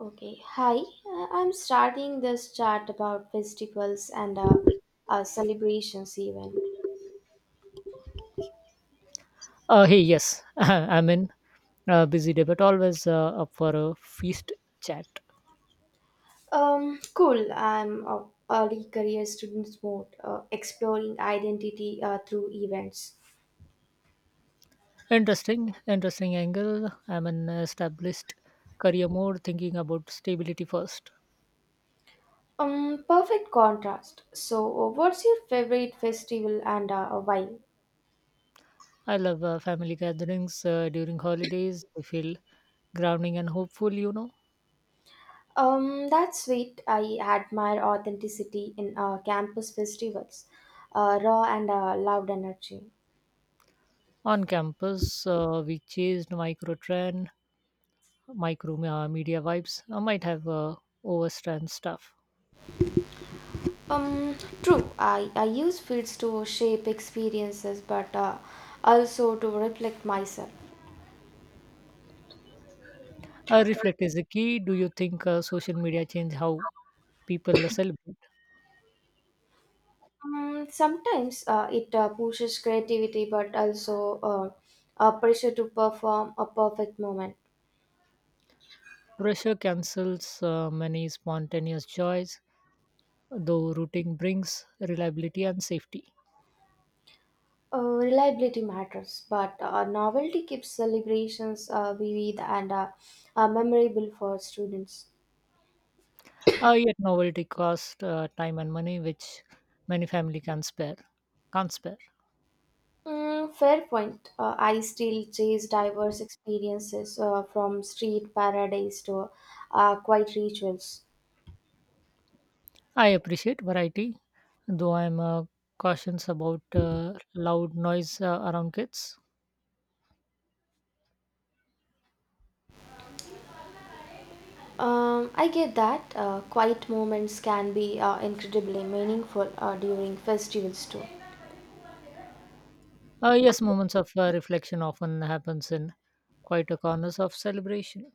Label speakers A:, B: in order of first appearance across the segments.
A: Okay, hi. I'm starting this chat about festivals and celebrations even.
B: Yes, I'm in a busy day, but always up for a feast chat.
A: Cool. I'm a early career students mode, exploring identity through events.
B: Interesting, interesting angle. I'm an established career mode, thinking about stability first.
A: Perfect contrast. So, what's your favorite festival and why?
B: I love family gatherings during holidays. I feel grounding and hopeful, you know.
A: That's sweet. I admire authenticity in campus festivals, raw and loud energy.
B: On campus, we chased micro media vibes. I might have overstrand stuff.
A: Um, True. I use fields to shape experiences, but also to reflect myself.
B: Reflect is the key. Do you think social media change how people celebrate?
A: Sometimes it pushes creativity, but also a pressure to perform a perfect moment.
B: Pressure cancels many spontaneous joys, though routing brings reliability and safety.
A: Reliability matters, but novelty keeps celebrations vivid and memorable for students.
B: Yet novelty costs time and money, which many family can spare. Can't spare.
A: Mm, fair point. I still chase diverse experiences from street paradise to quiet rituals.
B: I appreciate variety, though I'm cautious about loud noise around kids.
A: I get that quiet moments can be incredibly meaningful during festivals too.
B: Yes, moments of reflection often happens in quite a corners of celebration.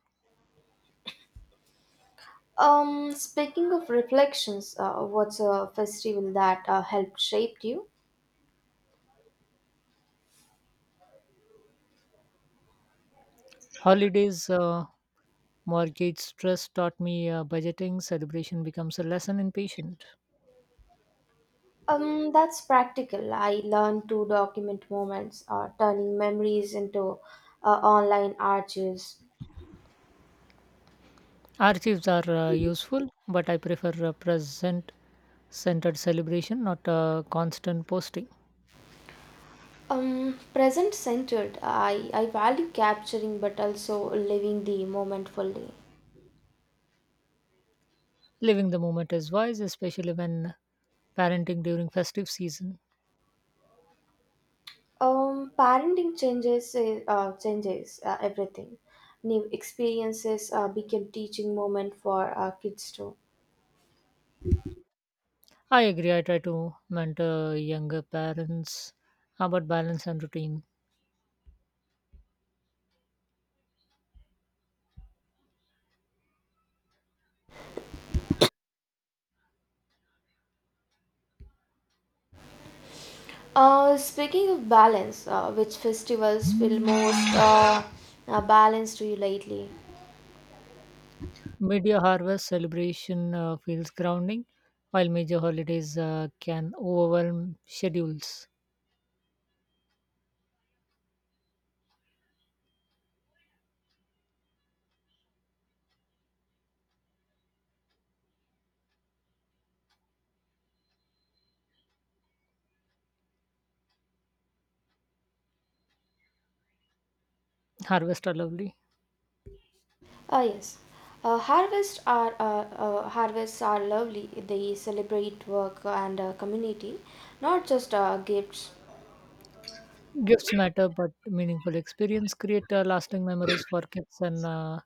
A: Speaking of reflections, what's a festival that helped shape you?
B: Holidays, mortgage stress taught me budgeting. Celebration becomes a lesson in patience.
A: That's practical. I learned to document moments, turning memories into online archives.
B: Archives are useful, but I prefer a present centered celebration, not a constant posting.
A: Present centered. I value capturing but also living the moment fully.
B: Living the moment is wise, especially when parenting during festive season.
A: Parenting changes everything. New experiences became teaching moment for kids too.
B: I agree, I try to mentor younger parents about balance and routine.
A: Speaking of balance, which festivals feel most balanced to you lately?
B: Media harvest celebration feels grounding, while major holidays can overwhelm schedules. Harvest are lovely.
A: Ah yes, harvests are lovely. They celebrate work and community, not just gifts.
B: Gifts matter, but meaningful experience create lasting memories for kids and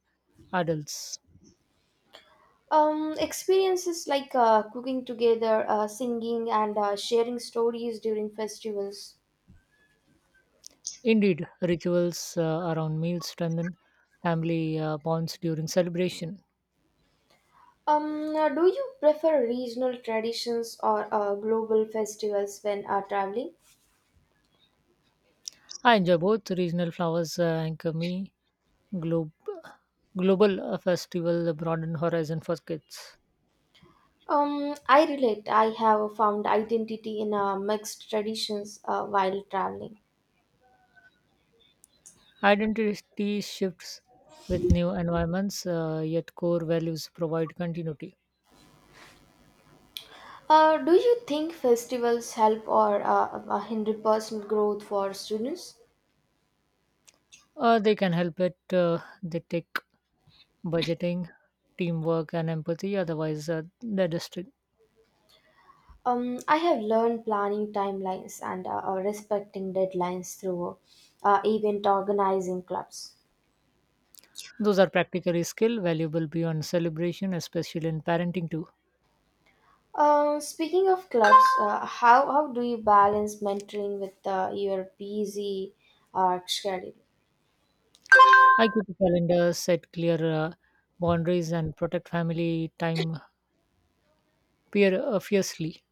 B: adults.
A: Experiences like cooking together, singing, and sharing stories during festivals.
B: Indeed, rituals around meals strengthen family bonds during celebration.
A: Do you prefer regional traditions or global festivals when traveling?
B: I enjoy both regional flowers anchor me. Globe, global festival broaden horizon for kids.
A: I relate. I have found identity in mixed traditions while traveling.
B: Identity shifts with new environments, yet core values provide continuity.
A: Do you think festivals help or hinder personal growth for students?
B: They can help it. They take budgeting, teamwork, and empathy. Otherwise, they're district.
A: I have learned planning timelines and respecting deadlines through event organizing clubs.
B: Those are practically skill valuable beyond celebration, especially in parenting too.
A: Speaking of clubs, how do you balance mentoring with your busy schedule?
B: I keep a calendar, set clear boundaries, and protect family time peer, fiercely.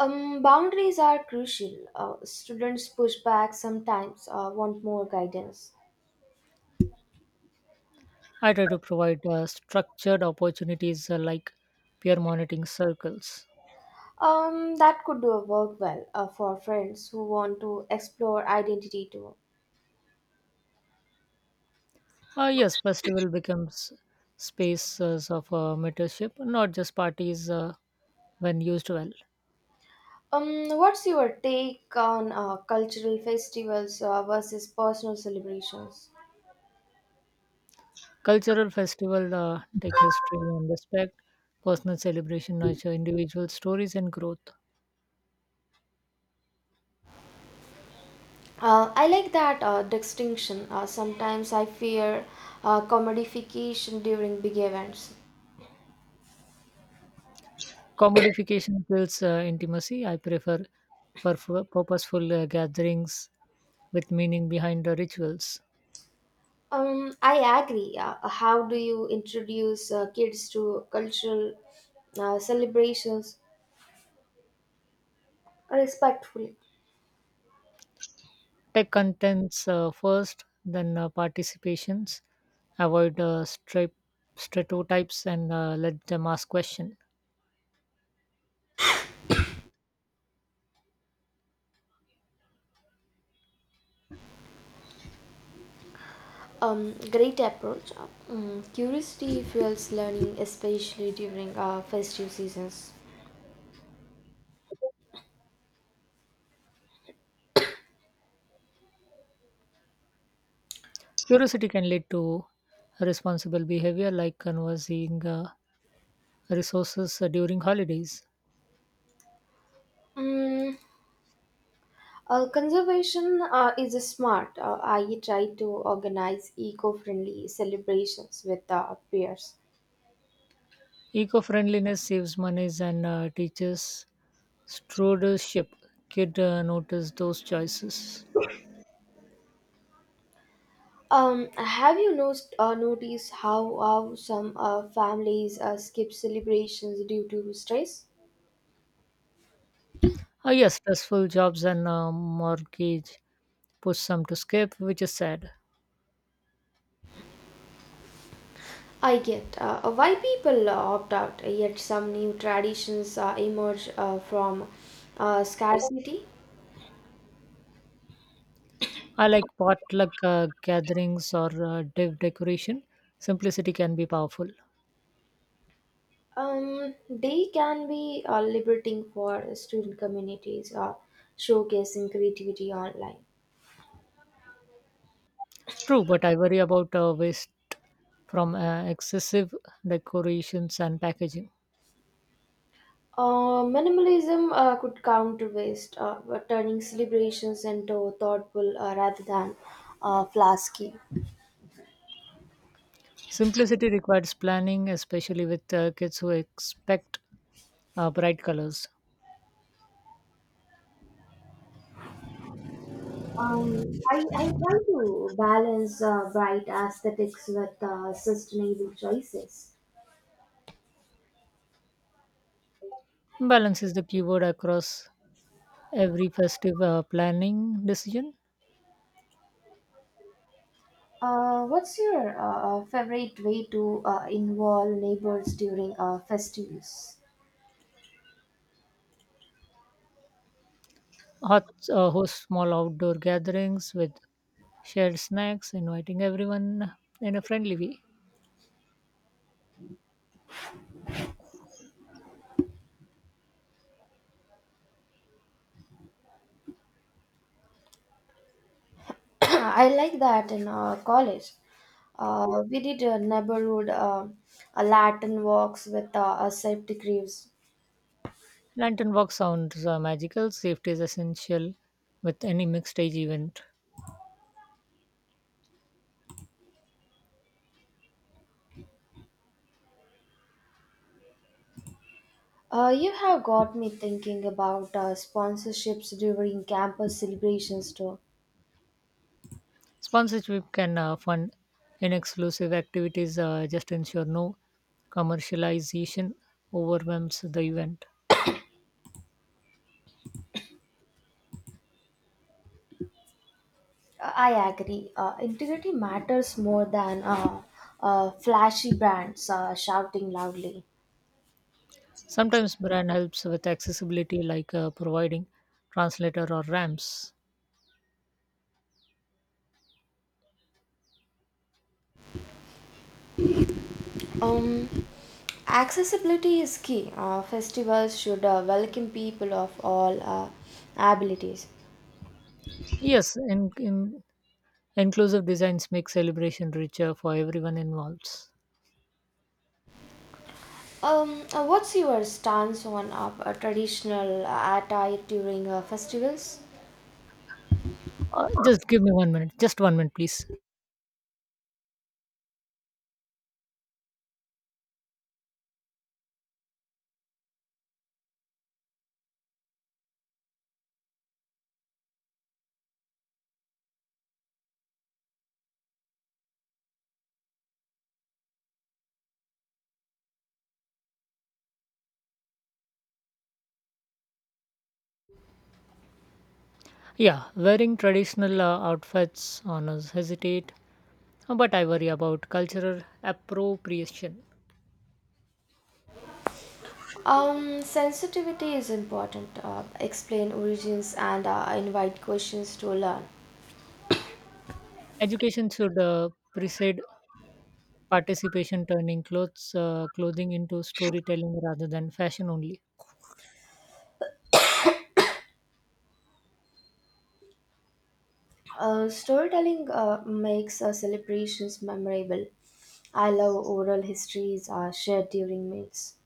A: Boundaries are crucial. Students push back sometimes, want more guidance.
B: I try to provide structured opportunities like peer monitoring circles.
A: That could do work well for friends who want to explore identity too.
B: Yes, festival becomes spaces of mentorship, not just parties when used well.
A: What's your take on cultural festivals versus personal celebrations?
B: Cultural festival take history and respect, personal celebration nurture individual stories and growth.
A: I like that distinction. Sometimes I fear commodification during big events.
B: Commodification builds intimacy. I prefer purposeful gatherings with meaning behind the rituals.
A: I agree. How do you introduce kids to cultural celebrations respectfully?
B: Tech contents first, then participations. Avoid stereotypes and let them ask questions.
A: Great approach. Curiosity fuels learning, especially during festive seasons.
B: Curiosity can lead to responsible behavior like conversing resources during holidays.
A: Mm. Conservation is a smart. I try to organize eco-friendly celebrations with peers.
B: Eco-friendliness saves monies and teaches stewardship. Kid notice those choices.
A: Have you noticed how some families skip celebrations due to stress?
B: Ah, yes, stressful jobs and mortgage push some to skip, which is sad.
A: I get why people opt out, yet some new traditions emerge from scarcity.
B: I like potluck gatherings or div decoration. Simplicity can be powerful.
A: They can be liberating for student communities, showcasing creativity online.
B: True, but I worry about waste from excessive decorations and packaging.
A: Minimalism could counter waste, but turning celebrations into thoughtful rather than flasky.
B: Simplicity requires planning, especially with kids who expect bright colors.
A: I try to balance bright aesthetics with sustainable choices.
B: Balance is the keyword across every festive planning decision.
A: What's your favorite way to involve neighbors during festivals?
B: Host small outdoor gatherings with shared snacks, inviting everyone in a friendly way.
A: I like that in college. We did a neighborhood a Latin walks with a safety crews.
B: Lantern walk sounds magical. Safety is essential with any mixed age event.
A: You have got me thinking about sponsorships during campus celebrations too.
B: Sponsorship can fund inexclusive activities, just ensure no commercialization overwhelms the event.
A: I agree. Integrity matters more than flashy brands shouting loudly.
B: Sometimes brand helps with accessibility, like providing translator or ramps.
A: Um, Accessibility is key. Festivals should welcome people of all abilities.
B: Yes, in inclusive designs make celebration richer for everyone involved.
A: What's your stance on a traditional attire during festivals?
B: Just give me 1 minute. Just 1 minute, please. Yeah, wearing traditional outfits honors hesitate, but I worry about cultural appropriation.
A: Sensitivity is important. Explain origins and invite questions to learn.
B: Education should precede participation, turning clothes clothing into storytelling rather than fashion only.
A: Storytelling makes celebrations memorable. I love oral histories shared during meals.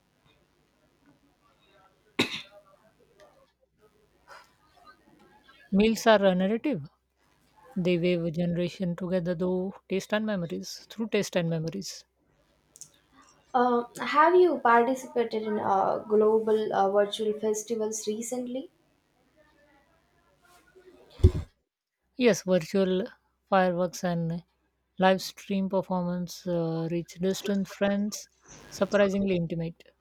B: Meals are a narrative. They weave a generation together, though taste and memories through taste and memories.
A: Have you participated in global virtual festivals recently?
B: Yes, virtual fireworks and live stream performance reach distant friends, surprisingly intimate.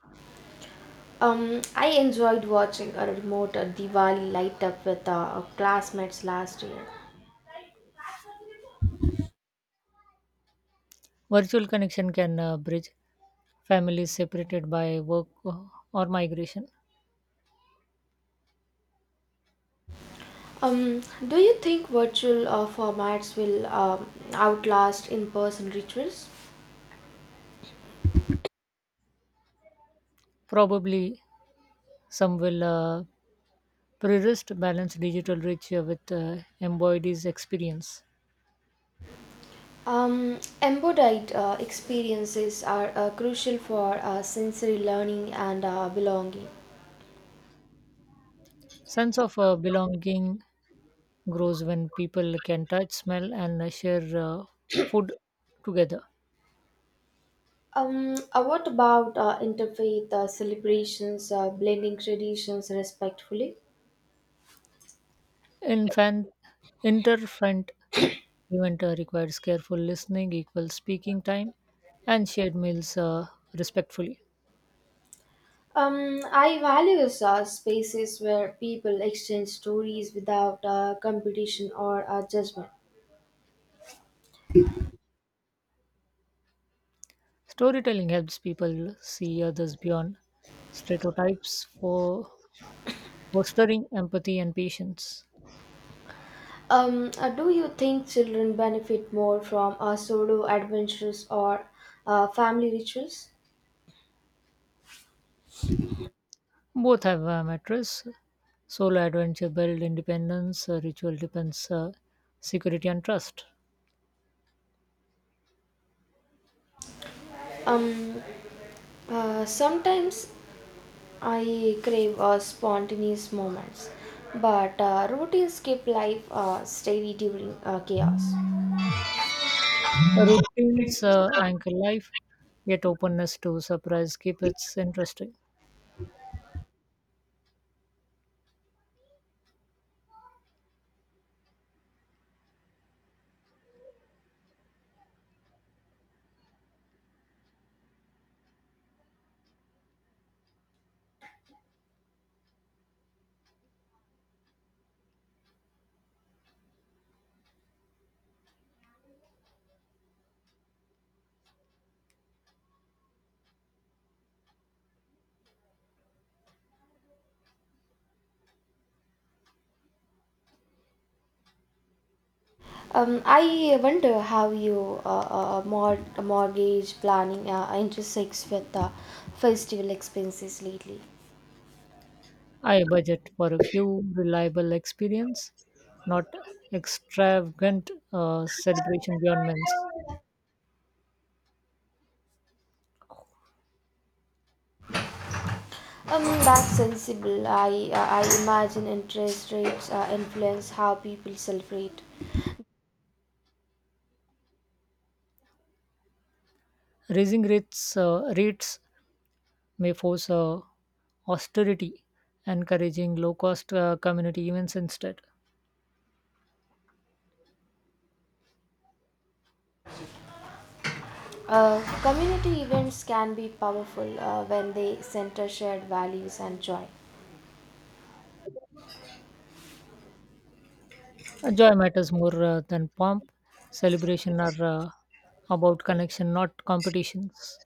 A: I enjoyed watching a remote Diwali light up with classmates last year.
B: Virtual connection can bridge families separated by work or migration.
A: Um, do you think virtual formats will outlast in person rituals?
B: Probably some will pre-rest balance digital reach with embodies experience.
A: Embodied experiences are crucial for sensory learning and belonging.
B: Sense of belonging grows when people can touch, smell, and share food together.
A: What about interfaith celebrations, blending traditions respectfully?
B: Infant, interfront event requires careful listening, equal speaking time, and shared meals respectfully.
A: I value spaces where people exchange stories without competition or judgment.
B: Storytelling helps people see others beyond stereotypes for fostering empathy and patience.
A: Do you think children benefit more from solo adventures or family rituals?
B: Both have a mattress. Solo adventure build independence, ritual depends security and trust.
A: Um, Sometimes I crave spontaneous moments, but routines keep life steady during chaos.
B: Routines anchor life, yet openness to surprise keep it interesting.
A: I wonder how you mortgage planning intersects with festival expenses lately.
B: I budget for a few reliable experience, not extravagant celebration beyond means.
A: That's sensible. I imagine interest rates influence how people celebrate.
B: Raising rates may force austerity, encouraging low-cost community events instead.
A: Uh, Community events can be powerful when they center shared values and joy.
B: Joy matters more than pomp. Celebration are about connection, not competitions.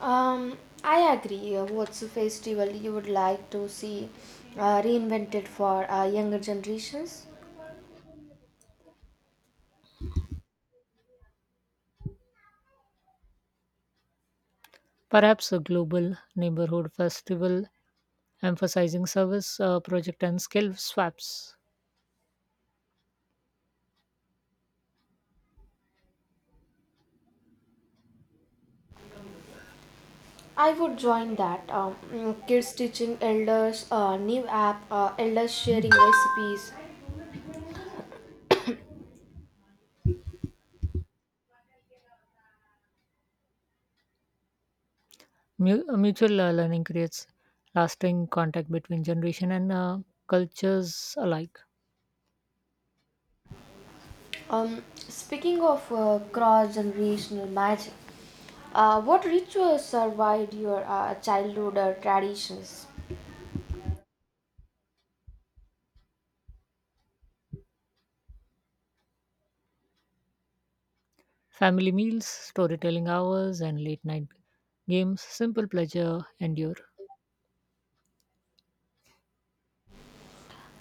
A: Um, I agree. What's a festival you would like to see reinvented for younger generations?
B: Perhaps a global neighborhood festival emphasizing service, project, and skill swaps.
A: I would join that. Kids teaching elders, new app, elders sharing recipes.
B: Mutual learning creates lasting contact between generation and cultures alike.
A: Speaking of cross-generational magic, what rituals survived your childhood traditions?
B: Family meals, storytelling hours, and late night games, simple pleasure endure.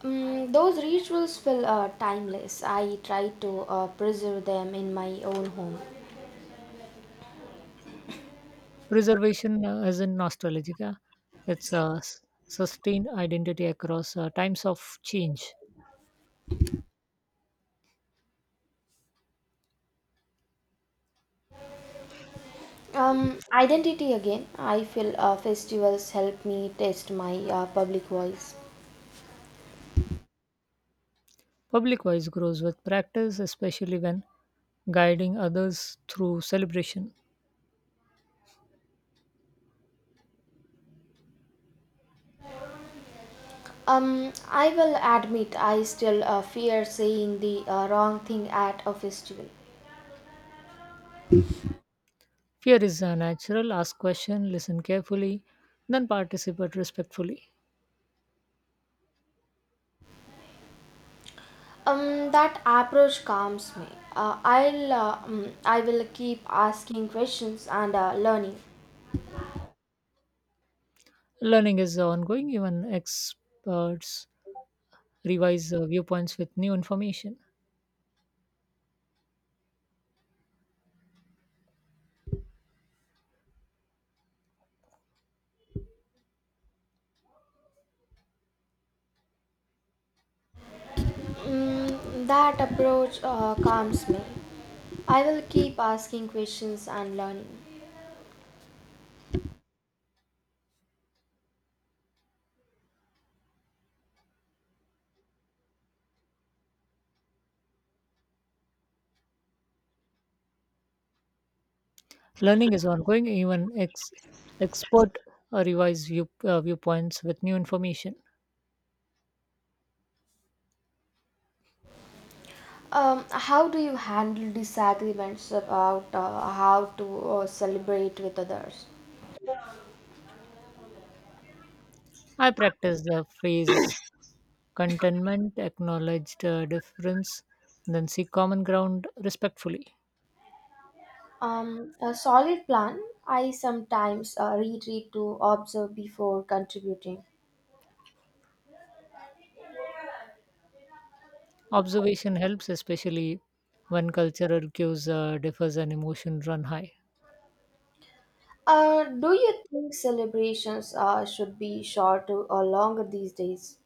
A: Mm, those rituals feel timeless. I try to preserve them in my own home.
B: Preservation as in nostalgia, it's a sustained identity across times of change.
A: Identity again. I feel festivals help me test my public voice.
B: Public voice grows with practice, especially when guiding others through celebration.
A: I will admit I still fear saying the wrong thing at a festival.
B: Fear is natural, ask question, listen carefully, then participate respectfully.
A: That approach calms me. I'll I will keep asking questions and learning.
B: Learning is ongoing, even experts revise viewpoints with new information.
A: Mm, that approach calms me. I will keep asking questions and learning.
B: Learning is ongoing, even expert revise viewpoints with new information.
A: How do you handle disagreements about how to celebrate with others?
B: I practice the phrase contentment, acknowledge the difference, and then seek common ground respectfully.
A: A solid plan. I sometimes retreat to observe before contributing.
B: Observation helps, especially when cultural cues differs and emotion run high.
A: Do you think celebrations should be shorter or longer these days?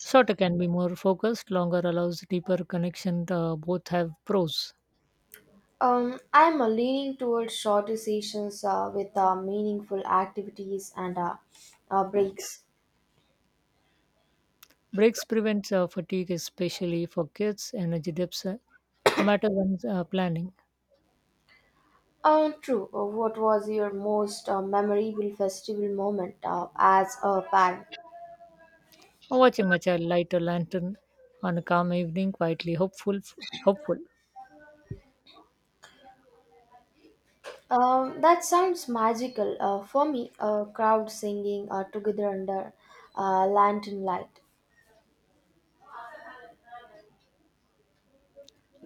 B: Shorter can be more focused, longer allows deeper connection. Both have pros.
A: I'm leaning towards shorter sessions with meaningful activities and breaks.
B: Breaks prevent fatigue, especially for kids. Energy dips matter when planning.
A: True. What was your most memorable festival moment as a parent?
B: Or watching my child light a lantern on a calm evening, quietly hopeful. Hopeful.
A: That sounds magical. For me, crowd singing together under lantern light.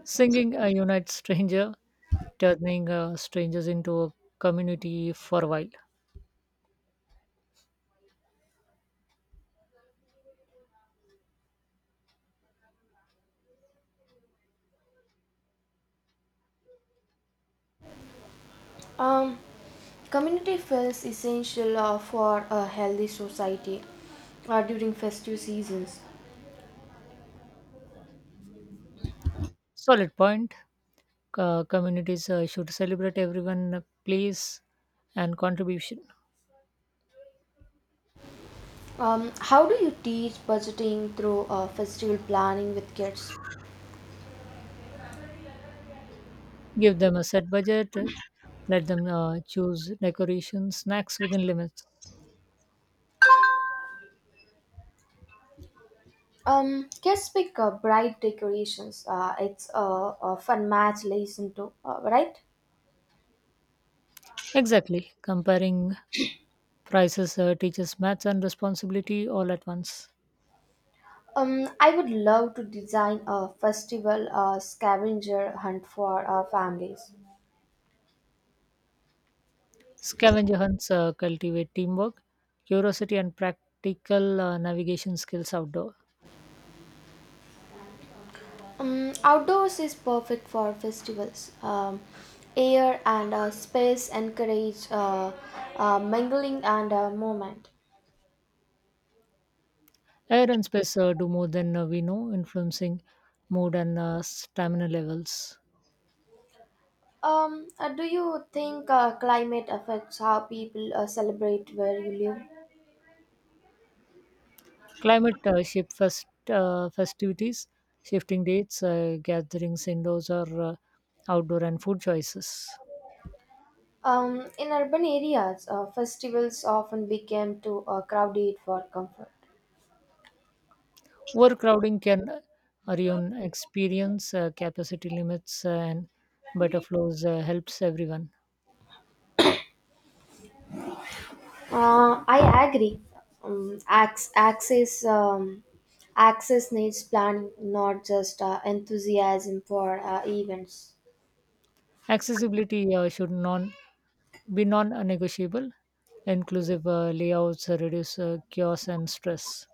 B: Singing unites stranger, turning strangers into a community for a while.
A: Um, Community feels essential for a healthy society during festive seasons.
B: Solid point. Communities should celebrate everyone, place, and contribution.
A: How do you teach budgeting through festival planning with kids?
B: Give them a set budget. Let them choose decorations, snacks within limits.
A: Kids pick bright decorations. It's a fun match lesson too, right?
B: Exactly. Comparing prices teaches maths and responsibility all at once.
A: I would love to design a festival scavenger hunt for families.
B: Scavenger hunts cultivate teamwork, curiosity, and practical navigation skills outdoor.
A: Outdoors is perfect for festivals. Air and space encourage mingling and movement.
B: Air and space do more than we know, influencing mood and stamina levels.
A: Do you think climate affects how people celebrate where you live?
B: Climate shift festivities, shifting dates, gatherings indoors or outdoor, and food choices.
A: In urban areas, festivals often became too crowded for comfort.
B: Overcrowding can ruin experience, capacity limits, and better flows helps everyone.
A: I agree. Um, ac- access um, access needs planning, not just enthusiasm for events.
B: Accessibility should non be non-negotiable. Inclusive layouts reduce chaos and stress.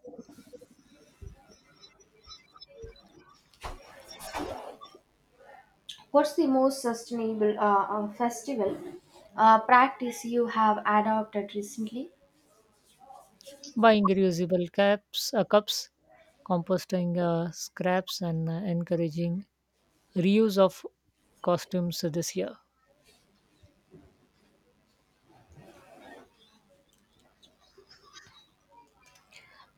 A: What's the most sustainable festival practice you have adopted recently?
B: Buying reusable cups, composting scraps, and encouraging reuse of costumes this year.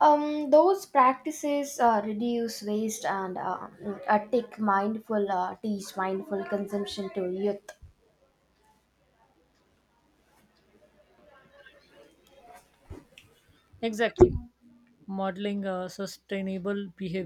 A: Those practices reduce waste and teach mindful consumption to youth.
B: Exactly. Modeling sustainable behavior